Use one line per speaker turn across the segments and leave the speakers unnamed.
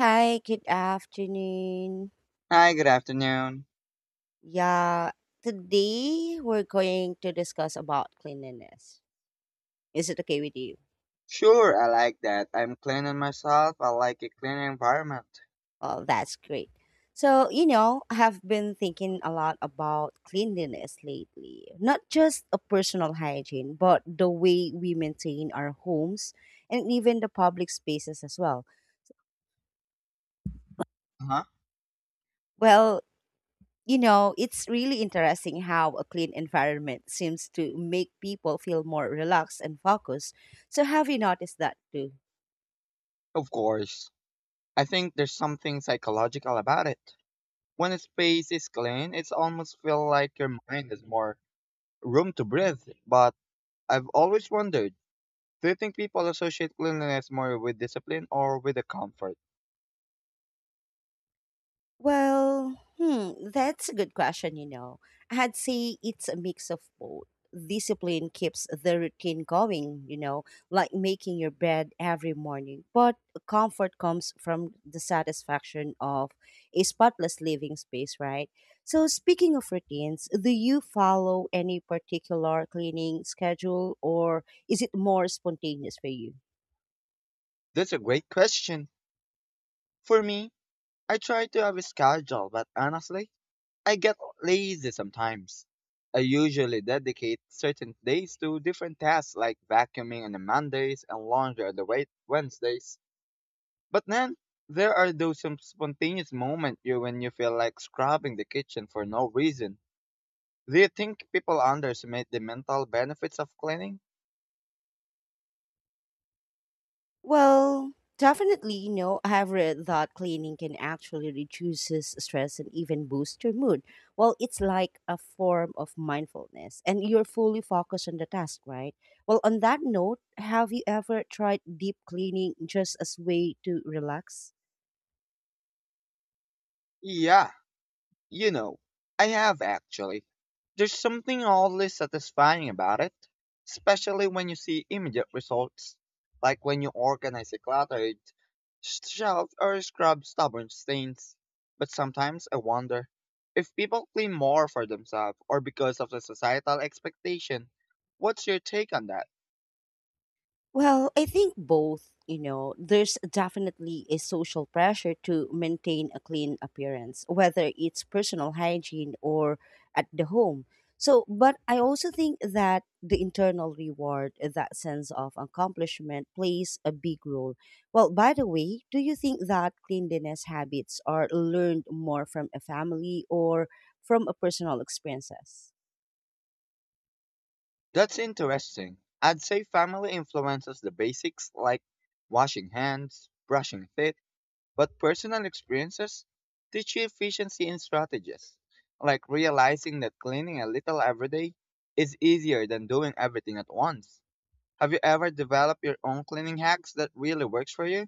Hi, good afternoon.
Hi, good afternoon.
Yeah, today we're going to discuss about cleanliness. Is it okay with you?
Sure, I like that. I'm cleaning myself. I like a clean environment.
Oh, that's great. So, I have been thinking a lot about cleanliness lately. Not just a personal hygiene, but the way we maintain our homes and even the public spaces as well.
Uh-huh.
Well, it's really interesting how a clean environment seems to make people feel more relaxed and focused. So, have you noticed that too?
Of course. I think there's something psychological about it. When a space is clean, it's almost feel like your mind has more room to breathe. But I've always wondered, do you think people associate cleanliness more with discipline or with the comfort?
Well, that's a good question. I'd say it's a mix of both. Discipline keeps the routine going, like making your bed every morning. But comfort comes from the satisfaction of a spotless living space, right? So, speaking of routines, do you follow any particular cleaning schedule or is it more spontaneous for you?
That's a great question. For me, I try to have a schedule, but honestly, I get lazy sometimes. I usually dedicate certain days to different tasks like vacuuming on the Mondays and laundry on the Wednesdays. But then there are those some spontaneous moments you when you feel like scrubbing the kitchen for no reason. Do you think people underestimate the mental benefits of cleaning?
Well, definitely, I have read that cleaning can actually reduces stress and even boost your mood. Well, it's like a form of mindfulness and you're fully focused on the task, right? Well, on that note, have you ever tried deep cleaning just as way to relax?
Yeah, You know, I have actually. There's something oddly satisfying about it, especially when you see immediate results, like when you organize a cluttered shelf or scrub stubborn stains. But sometimes I wonder if people clean more for themselves or because of the societal expectation. What's your take on that?
Well, I think both, there's definitely a social pressure to maintain a clean appearance, whether it's personal hygiene or at the home. So, but I also think that the internal reward, that sense of accomplishment, plays a big role. Well, by the way, do you think that cleanliness habits are learned more from a family or from a personal experiences?
That's interesting. I'd say family influences the basics like washing hands, brushing teeth. But personal experiences teach you efficiency and strategies, like realizing that cleaning a little every day is easier than doing everything at once. Have you ever developed your own cleaning hacks that really works for you?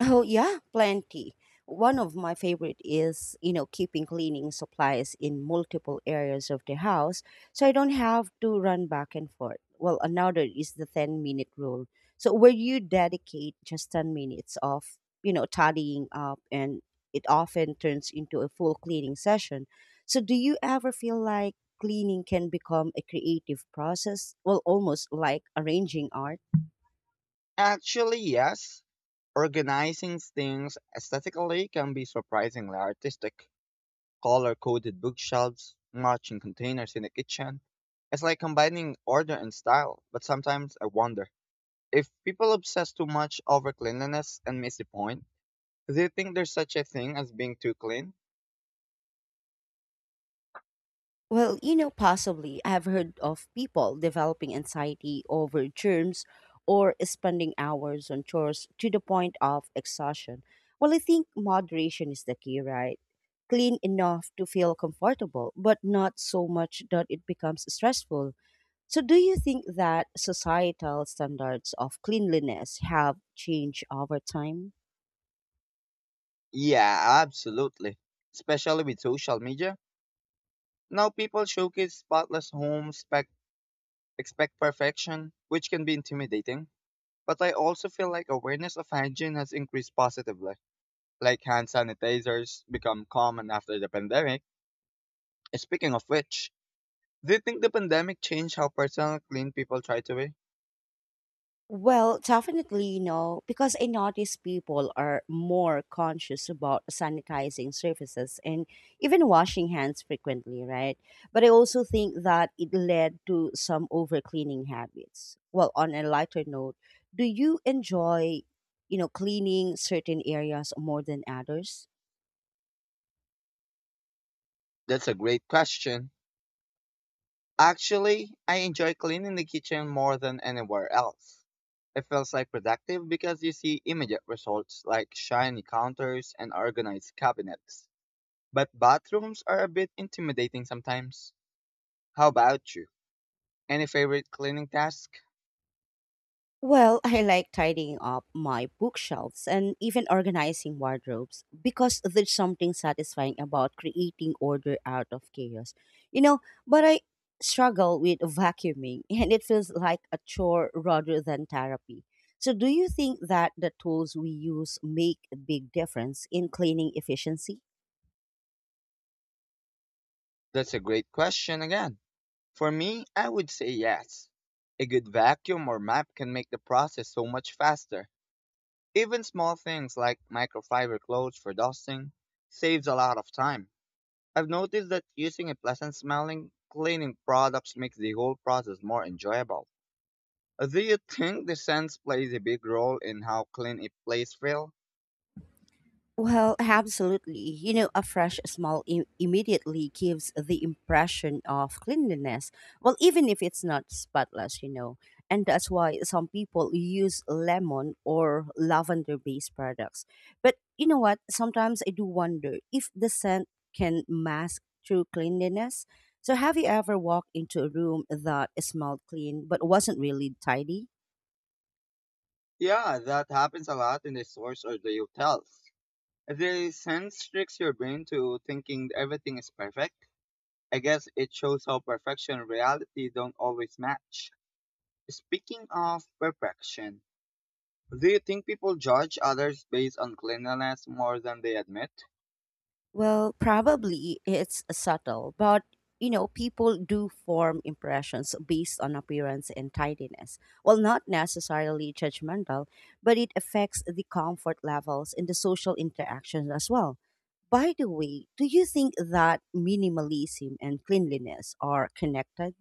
Oh, yeah, plenty. One of my favorite is, keeping cleaning supplies in multiple areas of the house so I don't have to run back and forth. Well, another is the 10-minute rule. So, where you dedicate just 10 minutes of, tidying up, and it often turns into a full cleaning session. So, do you ever feel like cleaning can become a creative process? Well, almost like arranging art.
Actually, yes. Organizing things aesthetically can be surprisingly artistic. Color-coded bookshelves, matching containers in the kitchen. It's like combining order and style, but sometimes I wonder if people obsess too much over cleanliness and miss the point. Do you think there's such a thing as being too clean?
Well, possibly I've heard of people developing anxiety over germs or spending hours on chores to the point of exhaustion. Well, I think moderation is the key, right? Clean enough to feel comfortable, but not so much that it becomes stressful. So, do you think that societal standards of cleanliness have changed over time?
Yeah, absolutely. Especially with social media. Now people showcase spotless homes, expect perfection, which can be intimidating. But I also feel like awareness of hygiene has increased positively. Like hand sanitizers become common after the pandemic. Speaking of which, do you think the pandemic changed how personal clean people try to be?
Well, definitely no, because I notice people are more conscious about sanitizing surfaces and even washing hands frequently, right? But I also think that it led to some overcleaning habits. Well, on a lighter note, do you enjoy, cleaning certain areas more than others?
That's a great question. Actually, I enjoy cleaning the kitchen more than anywhere else. It feels like productive because you see immediate results like shiny counters and organized cabinets. But bathrooms are a bit intimidating sometimes. How about you? Any favorite cleaning task?
Well, I like tidying up my bookshelves and even organizing wardrobes because there's something satisfying about creating order out of chaos. You know, but I struggle with vacuuming and it feels like a chore rather than therapy. So, do you think that the tools we use make a big difference in cleaning efficiency?
That's a great question again. For me, I would say yes. A good vacuum or map can make the process so much faster. Even small things like microfiber clothes for dusting saves a lot of time. I've noticed that using a pleasant smelling cleaning products makes the whole process more enjoyable. Do you think the scent plays a big role in how clean a place feels?
Well, absolutely. A fresh smell immediately gives the impression of cleanliness. Well, even if it's not spotless. And that's why some people use lemon or lavender based products. But you know what? Sometimes I do wonder if the scent can mask true cleanliness. So, have you ever walked into a room that smelled clean but wasn't really tidy?
Yeah, that happens a lot in the stores or the hotels. The scent tricks your brain to thinking everything is perfect. I guess it shows how perfection and reality don't always match. Speaking of perfection, do you think people judge others based on cleanliness more than they admit?
Well, probably it's subtle, but people do form impressions based on appearance and tidiness. Well, not necessarily judgmental, but it affects the comfort levels and the social interactions as well. By the way, do you think that minimalism and cleanliness are connected?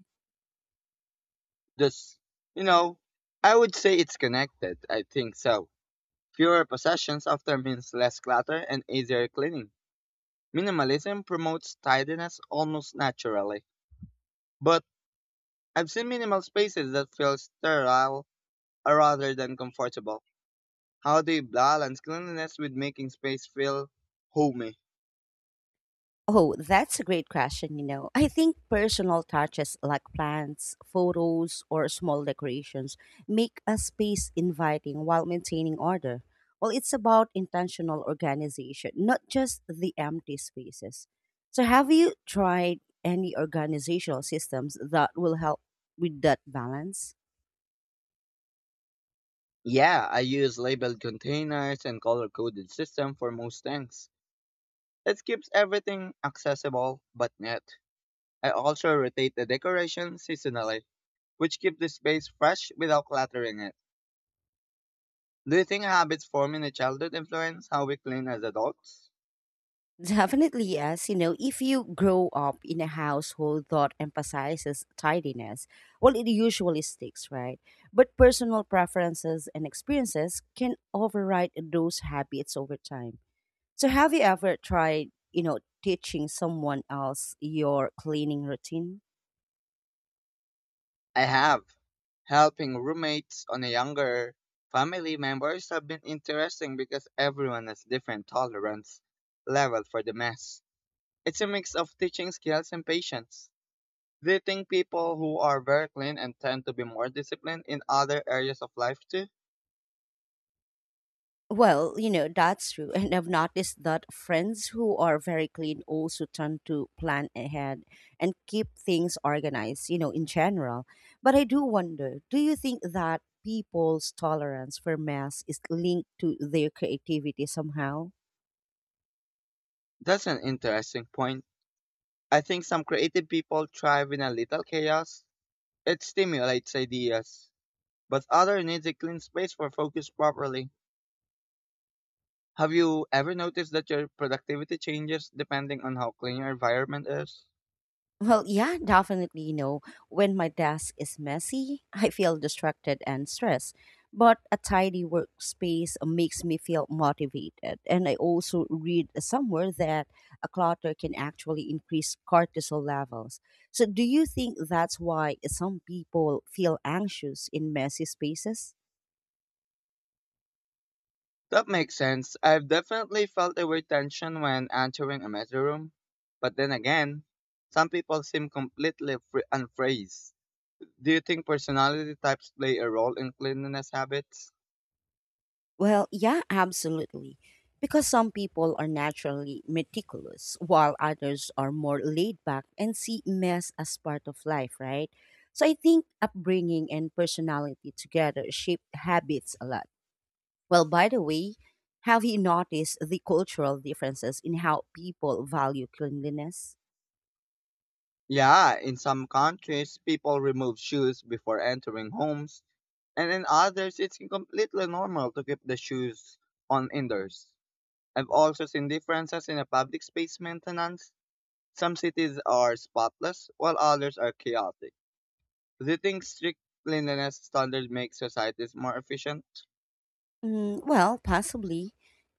Just, you know, I would say it's connected. I think so. Fewer possessions often means less clutter and easier cleaning. Minimalism promotes tidiness almost naturally. But I've seen minimal spaces that feel sterile rather than comfortable. How do you balance cleanliness with making space feel homey?
Oh, that's a great question. I think personal touches like plants, photos, or small decorations make a space inviting while maintaining order. Well, it's about intentional organization, not just the empty spaces. So, have you tried any organizational systems that will help with that balance?
Yeah, I use labeled containers and color coded system for most things. It keeps everything accessible but neat. I also rotate the decoration seasonally, which keep the space fresh without cluttering it. Do you think habits formed in a childhood influence how we clean as adults?
Definitely, yes. If you grow up in a household that emphasizes tidiness, well, it usually sticks, right? But personal preferences and experiences can override those habits over time. So, have you ever tried, teaching someone else your cleaning routine?
I have. Helping roommates on a younger family members have been interesting because everyone has different tolerance level for the mess. It's a mix of teaching skills and patience. Do you think people who are very clean and tend to be more disciplined in other areas of life too?
Well, that's true. And I've noticed that friends who are very clean also tend to plan ahead and keep things organized, in general. But I do wonder do you think that people's tolerance for mess is linked to their creativity somehow?
That's an interesting point. I think some creative people thrive in a little chaos. It stimulates ideas, but others need a clean space for focus properly. Have you ever noticed that your productivity changes depending on how clean your environment is?
Well, yeah, definitely. When my desk is messy, I feel distracted and stressed. But a tidy workspace makes me feel motivated. And I also read somewhere that a clutter can actually increase cortisol levels. So, do you think that's why some people feel anxious in messy spaces?
That makes sense. I've definitely felt a weird tension when entering a messy room. But then again, some people seem completely unfazed. Do you think personality types play a role in cleanliness habits?
Well, yeah, absolutely. Because some people are naturally meticulous, while others are more laid back and see mess as part of life, right? So I think upbringing and personality together shape habits a lot. Well, by the way, have you noticed the cultural differences in how people value cleanliness?
Yeah, in some countries, people remove shoes before entering homes, and in others, it's completely normal to keep the shoes on indoors. I've also seen differences in the public space maintenance. Some cities are spotless, while others are chaotic. Do you think strict cleanliness standards make societies more efficient?
Well, possibly.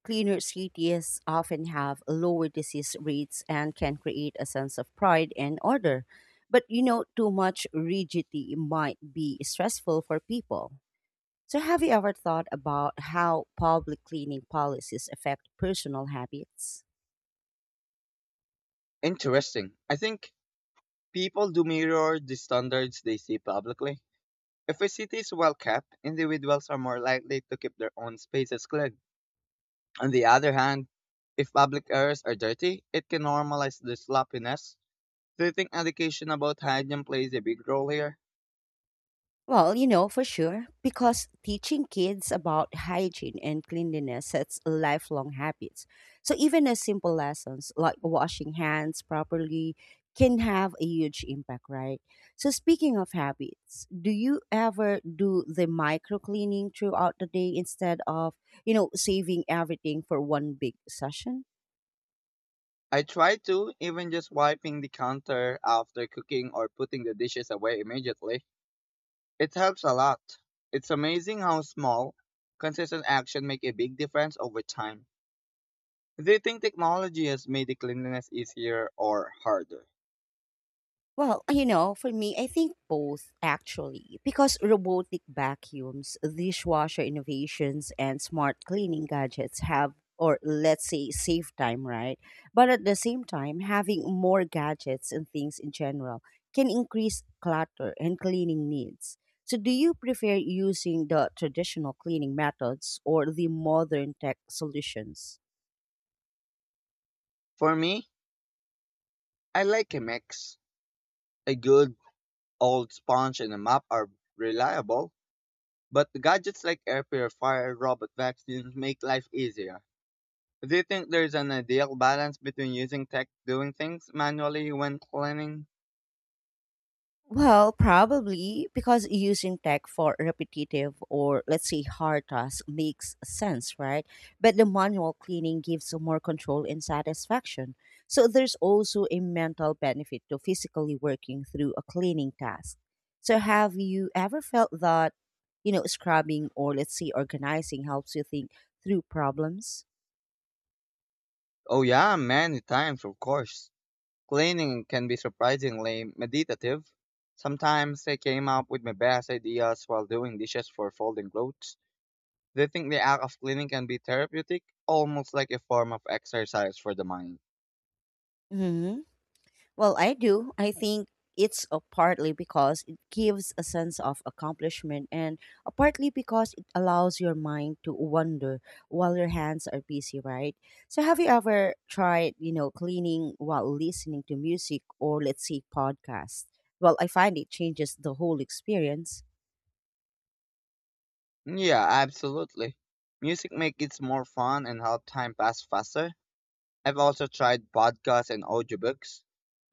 Cleaner cities often have lower disease rates and can create a sense of pride and order. But too much rigidity might be stressful for people. So, have you ever thought about how public cleaning policies affect personal habits?
Interesting. I think people do mirror the standards they see publicly. If a city is well kept, individuals are more likely to keep their own spaces clean. On the other hand, if public areas are dirty, it can normalize the sloppiness. Do you think education about hygiene plays a big role here?
Well, for sure, because teaching kids about hygiene and cleanliness sets lifelong habits. So even as simple lessons like washing hands properly can have a huge impact, right? So speaking of habits, do you ever do the micro cleaning throughout the day instead of, saving everything for one big session?
I try to, even just wiping the counter after cooking or putting the dishes away immediately. It helps a lot. It's amazing how small, consistent action make a big difference over time. Do you think technology has made the cleanliness easier or harder?
Well, for me, I think both actually, because robotic vacuums, dishwasher innovations, and smart cleaning gadgets have, or let's say, save time, right? But at the same time, having more gadgets and things in general can increase clutter and cleaning needs. So, do you prefer using the traditional cleaning methods or the modern tech solutions?
For me, I like a mix. A good old sponge and a mop are reliable. But gadgets like air purifier, robot vacuums make life easier. Do you think there's an ideal balance between using tech doing things manually when cleaning?
Well, probably because using tech for repetitive or let's say hard tasks makes sense, right? But the manual cleaning gives more control and satisfaction. So there's also a mental benefit to physically working through a cleaning task. So have you ever felt that, scrubbing or let's say organizing helps you think through problems?
Oh yeah, many times of course. Cleaning can be surprisingly meditative. Sometimes I came up with my best ideas while doing dishes for folding clothes. Do you think the act of cleaning can be therapeutic? Almost like a form of exercise for the mind.
Mhm. Well, I do. I think it's a partly because it gives a sense of accomplishment and a partly because it allows your mind to wander while your hands are busy, right? So have you ever tried, cleaning while listening to music or let's say podcast? Well, I find it changes the whole experience.
Yeah, absolutely. Music makes it more fun and help time pass faster. I've also tried podcasts and audiobooks.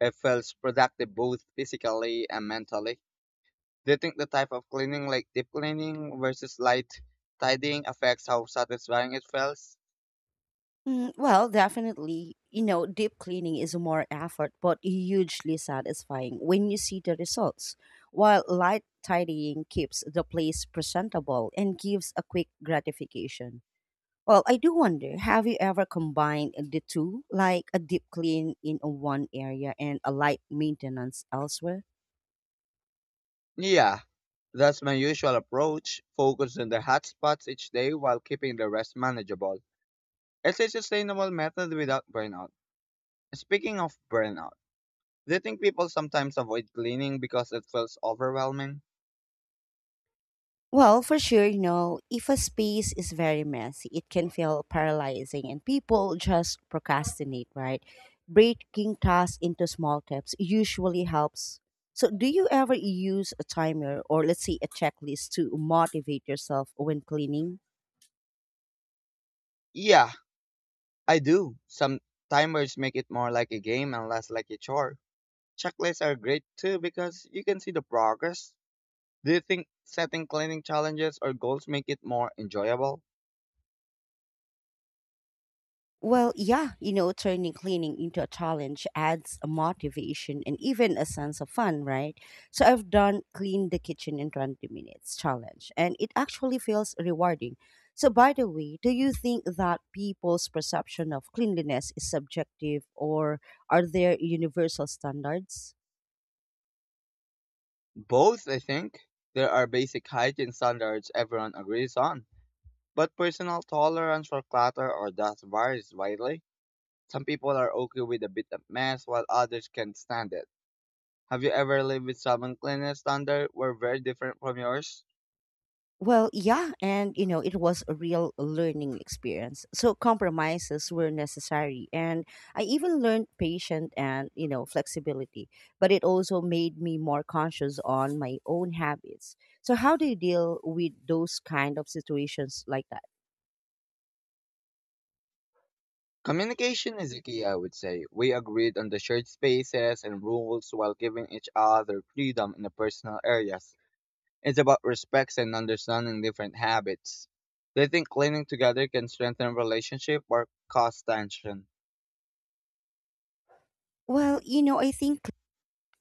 It feels productive both physically and mentally. Do you think the type of cleaning, like deep cleaning versus light tidying, affects how satisfying it feels?
Well, definitely, deep cleaning is more effort, but hugely satisfying when you see the results. While light tidying keeps the place presentable and gives a quick gratification. Well, I do wonder, have you ever combined the two, like a deep clean in one area and a light maintenance elsewhere?
Yeah, that's my usual approach. Focus on the hot spots each day while keeping the rest manageable. It's a sustainable method without burnout. Speaking of burnout, do you think people sometimes avoid cleaning because it feels overwhelming?
Well, for sure, if a space is very messy, it can feel paralyzing and people just procrastinate, right? Breaking tasks into small steps usually helps. So, do you ever use a timer or let's say a checklist to motivate yourself when cleaning?
Yeah, I do. Some timers make it more like a game and less like a chore. Checklists are great too because you can see the progress. Do you think setting cleaning challenges or goals make it more enjoyable?
Well, yeah, turning cleaning into a challenge adds a motivation and even a sense of fun, right? So I've done clean the kitchen in 20 minutes challenge, and it actually feels rewarding. So, by the way, do you think that people's perception of cleanliness is subjective or are there universal standards?
Both, I think. There are basic hygiene standards everyone agrees on, but personal tolerance for clutter or dust varies widely. Some people are okay with a bit of mess while others can't stand it. Have you ever lived with someone cleanliness standard were very different from yours?
Well, yeah, and it was a real learning experience. So compromises were necessary, and I even learned patience and flexibility. But it also made me more conscious on my own habits. So, how do you deal with those kind of situations like that?
Communication is the key, I would say. We agreed on the shared spaces and rules while giving each other freedom in the personal areas. It's about respects and understanding different habits. They think cleaning together can strengthen relationship or cause tension.
Well, I think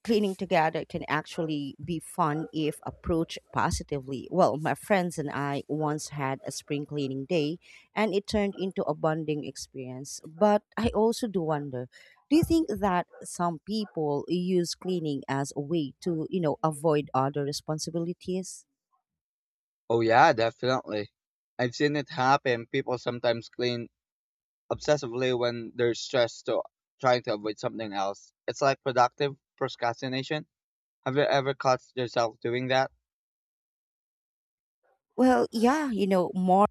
cleaning together can actually be fun if approached positively. Well, my friends and I once had a spring cleaning day and it turned into a bonding experience. But I also do wonder, do you think that some people use cleaning as a way to, avoid other responsibilities?
Oh yeah, definitely. I've seen it happen. People sometimes clean obsessively when they're stressed to trying to avoid something else. It's like productive procrastination. Have you ever caught yourself doing that?
Well, yeah, more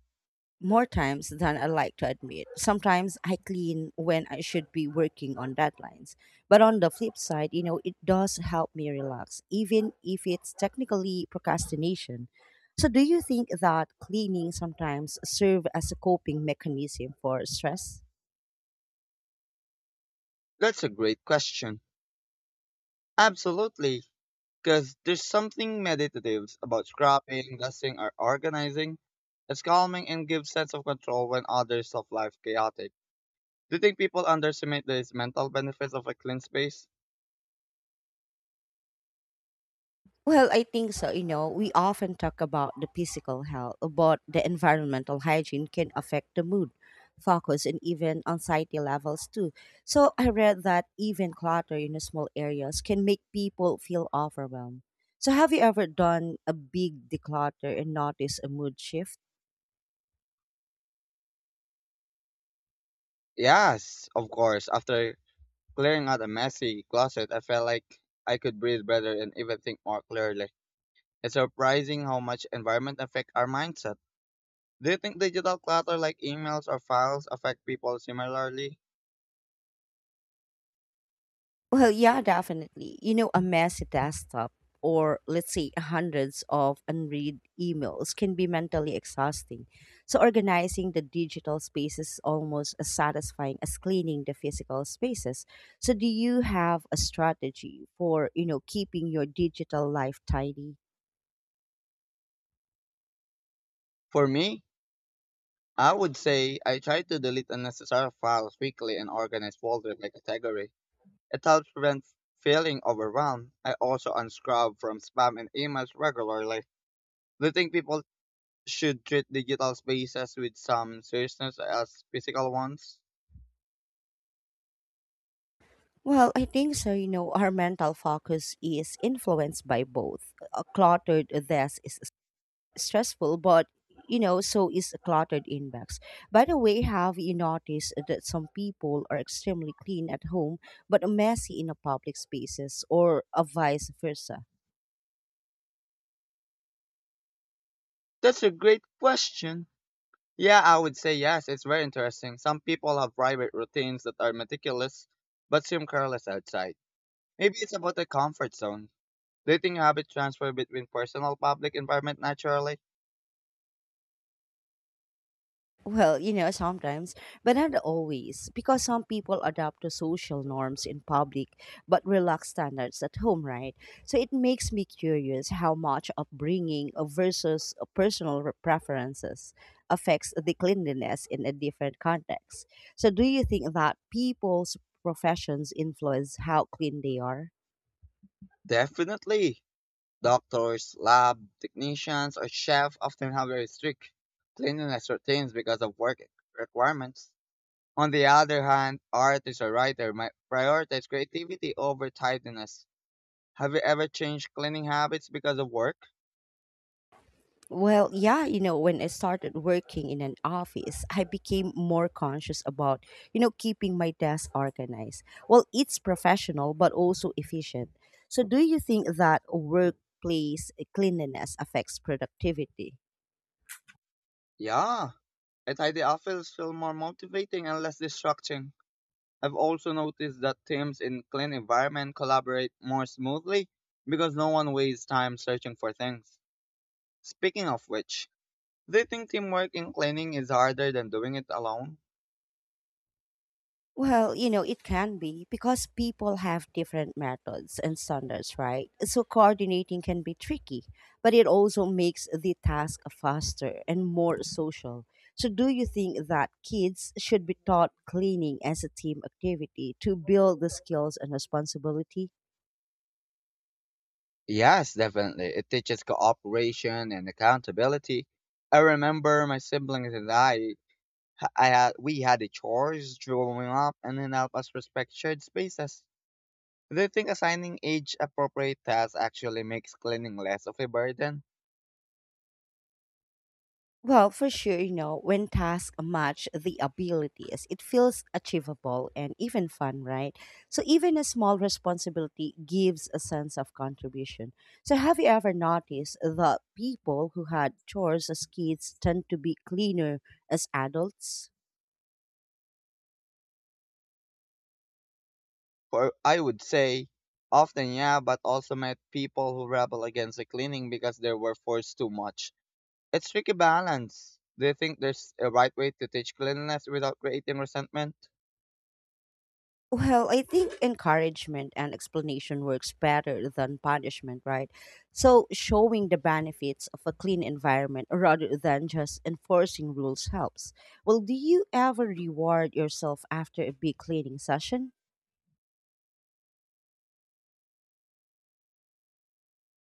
more times than I like to admit. Sometimes I clean when I should be working on deadlines. But on the flip side, it does help me relax, even if it's technically procrastination. So, do you think that cleaning sometimes serve as a coping mechanism for stress?
That's a great question. Absolutely, because there's something meditative about scrapping, dusting, or organizing. It's calming and gives sense of control when others of life chaotic. Do you think people underestimate the mental benefits of a clean space?
Well, I think so. We often talk about the physical health, but the environmental hygiene can affect the mood, focus, and even anxiety levels too. So I read that even clutter in small areas can make people feel overwhelmed. So have you ever done a big declutter and noticed a mood shift?
Yes, of course. After clearing out a messy closet, I felt like I could breathe better and even think more clearly. It's surprising how much environment affect our mindset. Do you think digital clutter like emails or files affect people similarly?
Well, yeah, definitely. A messy desktop or let's say hundreds of unread emails can be mentally exhausting. So organizing the digital space is almost as satisfying as cleaning the physical spaces. So do you have a strategy for, keeping your digital life tidy?
For me, I would say I try to delete unnecessary files quickly and organize folders by category. It helps prevent feeling overwhelmed. I also unscrub from spam and emails regularly. Do you think people should treat digital spaces with some seriousness as physical ones?
Well, I think so. Our mental focus is influenced by both. A cluttered desk is stressful, but so is a cluttered inbox. By the way, have you noticed that some people are extremely clean at home but messy in a public spaces or a vice versa?
That's a great question. Yeah, I would say yes. It's very interesting. Some people have private routines that are meticulous but seem careless outside. Maybe it's about the comfort zone. Do you think habit transfer between personal public environment naturally?
Well, sometimes, but not always, because some people adapt to social norms in public but relax standards at home, right? So it makes me curious how much upbringing versus personal preferences affects the cleanliness in a different context. So, do you think that people's professions influence how clean they are?
Definitely. Doctors, lab technicians, or chefs often have very strict cleanliness routines because of work requirements. On the other hand, artists or writers might prioritize creativity over tidiness. Have you ever changed cleaning habits because of work?
Well, yeah, when I started working in an office, I became more conscious about, keeping my desk organized. Well, it's professional, but also efficient. So, do you think that workplace cleanliness affects productivity?
Yeah, a tidy office feels more motivating and less distracting. I've also noticed that teams in clean environment collaborate more smoothly because no one wastes time searching for things. Speaking of which, do you think teamwork in cleaning is harder than doing it alone?
Well, it can be because people have different methods and standards, right? So coordinating can be tricky, but it also makes the task faster and more social. So, do you think that kids should be taught cleaning as a team activity to build the skills and responsibility?
Yes, definitely. It teaches cooperation and accountability. I remember my siblings and we had a chores growing up and then help us respect shared spaces. Do you think assigning age-appropriate tasks actually makes cleaning less of a burden?
Well, for sure, when tasks match the abilities, it feels achievable and even fun, right? So, even a small responsibility gives a sense of contribution. So, have you ever noticed that people who had chores as kids tend to be cleaner as adults?
For I would say, often yeah, but also met people who rebel against the cleaning because they were forced too much. It's tricky balance. Do you think there's a right way to teach cleanliness without creating resentment?
Well, I think encouragement and explanation works better than punishment, right? So, showing the benefits of a clean environment rather than just enforcing rules helps. Well, do you ever reward yourself after a big cleaning session?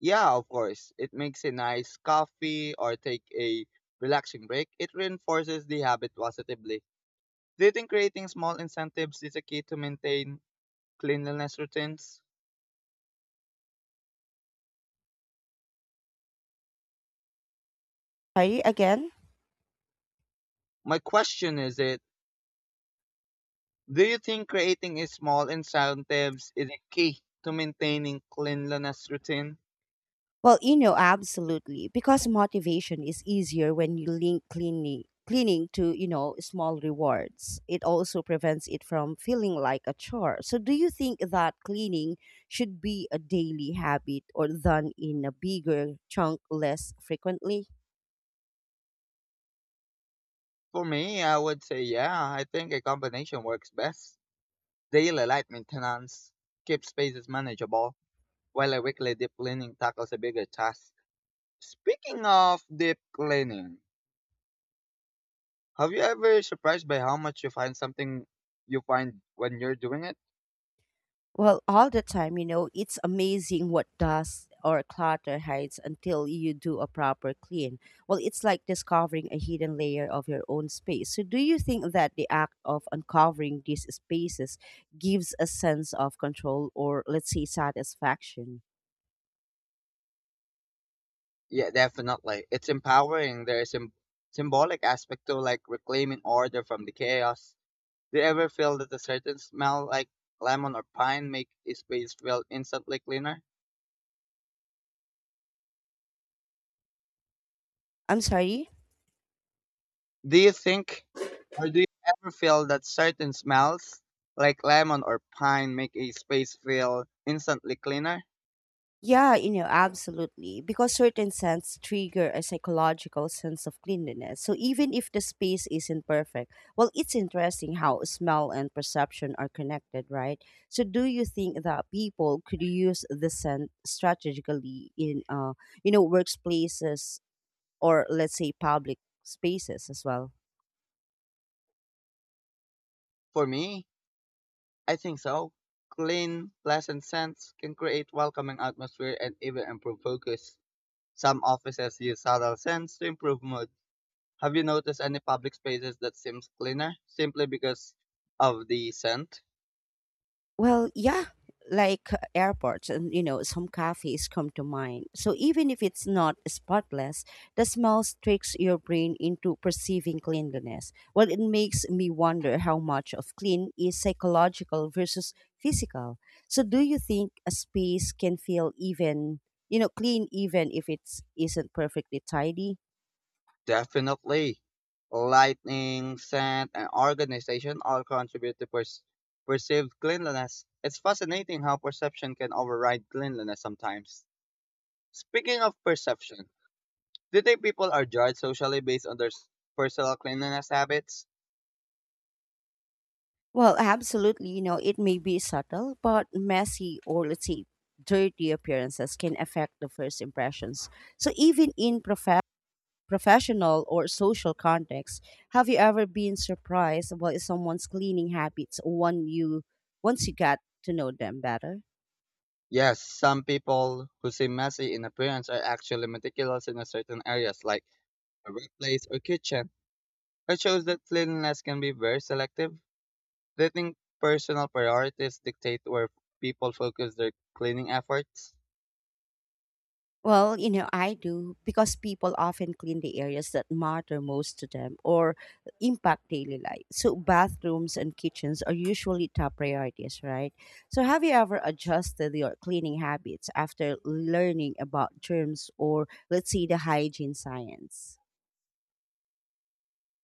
Yeah, of course. It makes a nice coffee or take a relaxing break. It reinforces the habit positively. Do you think creating small incentives is a key to maintain cleanliness routines?
Sorry, again?
My question is it do you think creating a small incentives is a key to maintaining cleanliness routine?
Well, absolutely, because motivation is easier when you link cleaning to small rewards. It also prevents it from feeling like a chore. So, do you think that cleaning should be a daily habit or done in a bigger chunk less frequently?
For me, I would say yeah, I think a combination works best. Daily light maintenance keeps spaces manageable, while a weekly deep cleaning tackles a bigger task. Speaking of deep cleaning, have you ever surprised by how much you find when you're doing it?
Well, all the time, it's amazing what dust or clutter hides until you do a proper clean. Well, it's like discovering a hidden layer of your own space. So, do you think that the act of uncovering these spaces gives a sense of control or, let's say, satisfaction?
Yeah, definitely. It's empowering. There is a symbolic aspect to like reclaiming order from the chaos. Do you ever feel that a certain smell like lemon or pine make a space feel instantly cleaner?
I'm sorry?
Do you think do you ever feel that certain smells, like lemon or pine, make a space feel instantly cleaner?
Yeah, absolutely. Because certain scents trigger a psychological sense of cleanliness. So even if the space isn't perfect, well, it's interesting how smell and perception are connected, right? So do you think that people could use the scent strategically in, workplaces or let's say public spaces as well?
For me, I think so. Clean, pleasant scents can create welcoming atmosphere and even improve focus. Some offices use subtle scents to improve mood. Have you noticed any public spaces that seems cleaner simply because of the scent?
Well, yeah, like airports and some cafes come to mind. So even if it's not spotless, the smell tricks your brain into perceiving cleanliness. Well, it makes me wonder how much of clean is psychological versus physical. So do you think a space can feel even, clean even if it's not perfectly tidy?
Definitely. Lighting, scent, and organization all contribute to perceived cleanliness. It's fascinating how perception can override cleanliness sometimes. Speaking of perception, do you think people are judged socially based on their personal cleanliness habits?
Well, absolutely. It may be subtle, but messy or let's say dirty appearances can affect the first impressions. So, even in professional or social contexts, have you ever been surprised by someone's cleaning habits when you once you got to know them better?
Yes, some people who seem messy in appearance are actually meticulous in a certain areas like a workplace or kitchen. It shows that cleanliness can be very selective. Do you think personal priorities dictate where people focus their cleaning efforts?
Well, I do because people often clean the areas that matter most to them or impact daily life. So, bathrooms and kitchens are usually top priorities, right? So, have you ever adjusted your cleaning habits after learning about germs or, let's say, the hygiene science?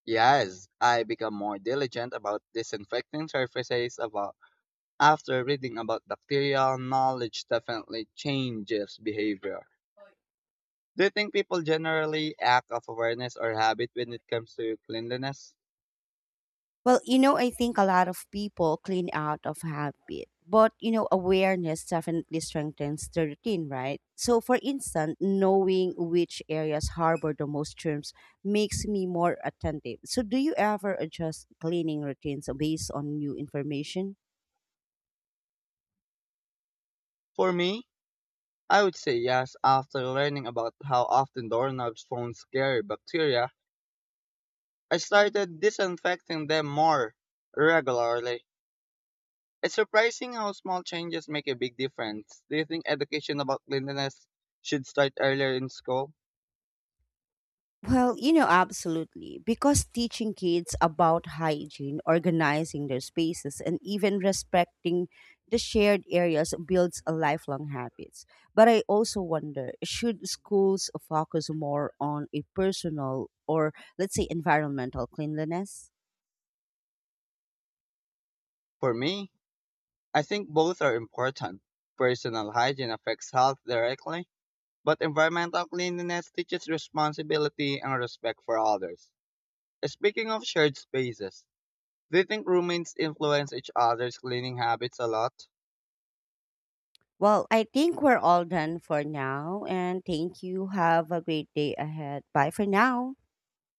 Yes, I become more diligent about disinfecting surfaces about after reading about bacteria. Knowledge definitely changes behavior. Do you think people generally act of awareness or habit when it comes to cleanliness?
Well, I think a lot of people clean out of habit, but awareness definitely strengthens the routine, right? So, for instance, knowing which areas harbor the most germs makes me more attentive. So, do you ever adjust cleaning routines based on new information?
For me, I would say yes. After learning about how often doorknobs phone scary bacteria, I started disinfecting them more regularly. It's surprising how small changes make a big difference. Do you think education about cleanliness should start earlier in school?
Well, absolutely. Because teaching kids about hygiene, organizing their spaces, and even respecting the shared areas builds a lifelong habits. But I also wonder, should schools focus more on a personal or let's say environmental cleanliness?
For me, I think both are important. Personal hygiene affects health directly, but environmental cleanliness teaches responsibility and respect for others. Speaking of shared spaces, do you think roommates influence each other's cleaning habits a lot?
Well, I think we're all done for now and thank you. Have a great day ahead. Bye for now.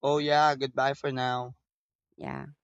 Oh yeah, goodbye for now.
Yeah.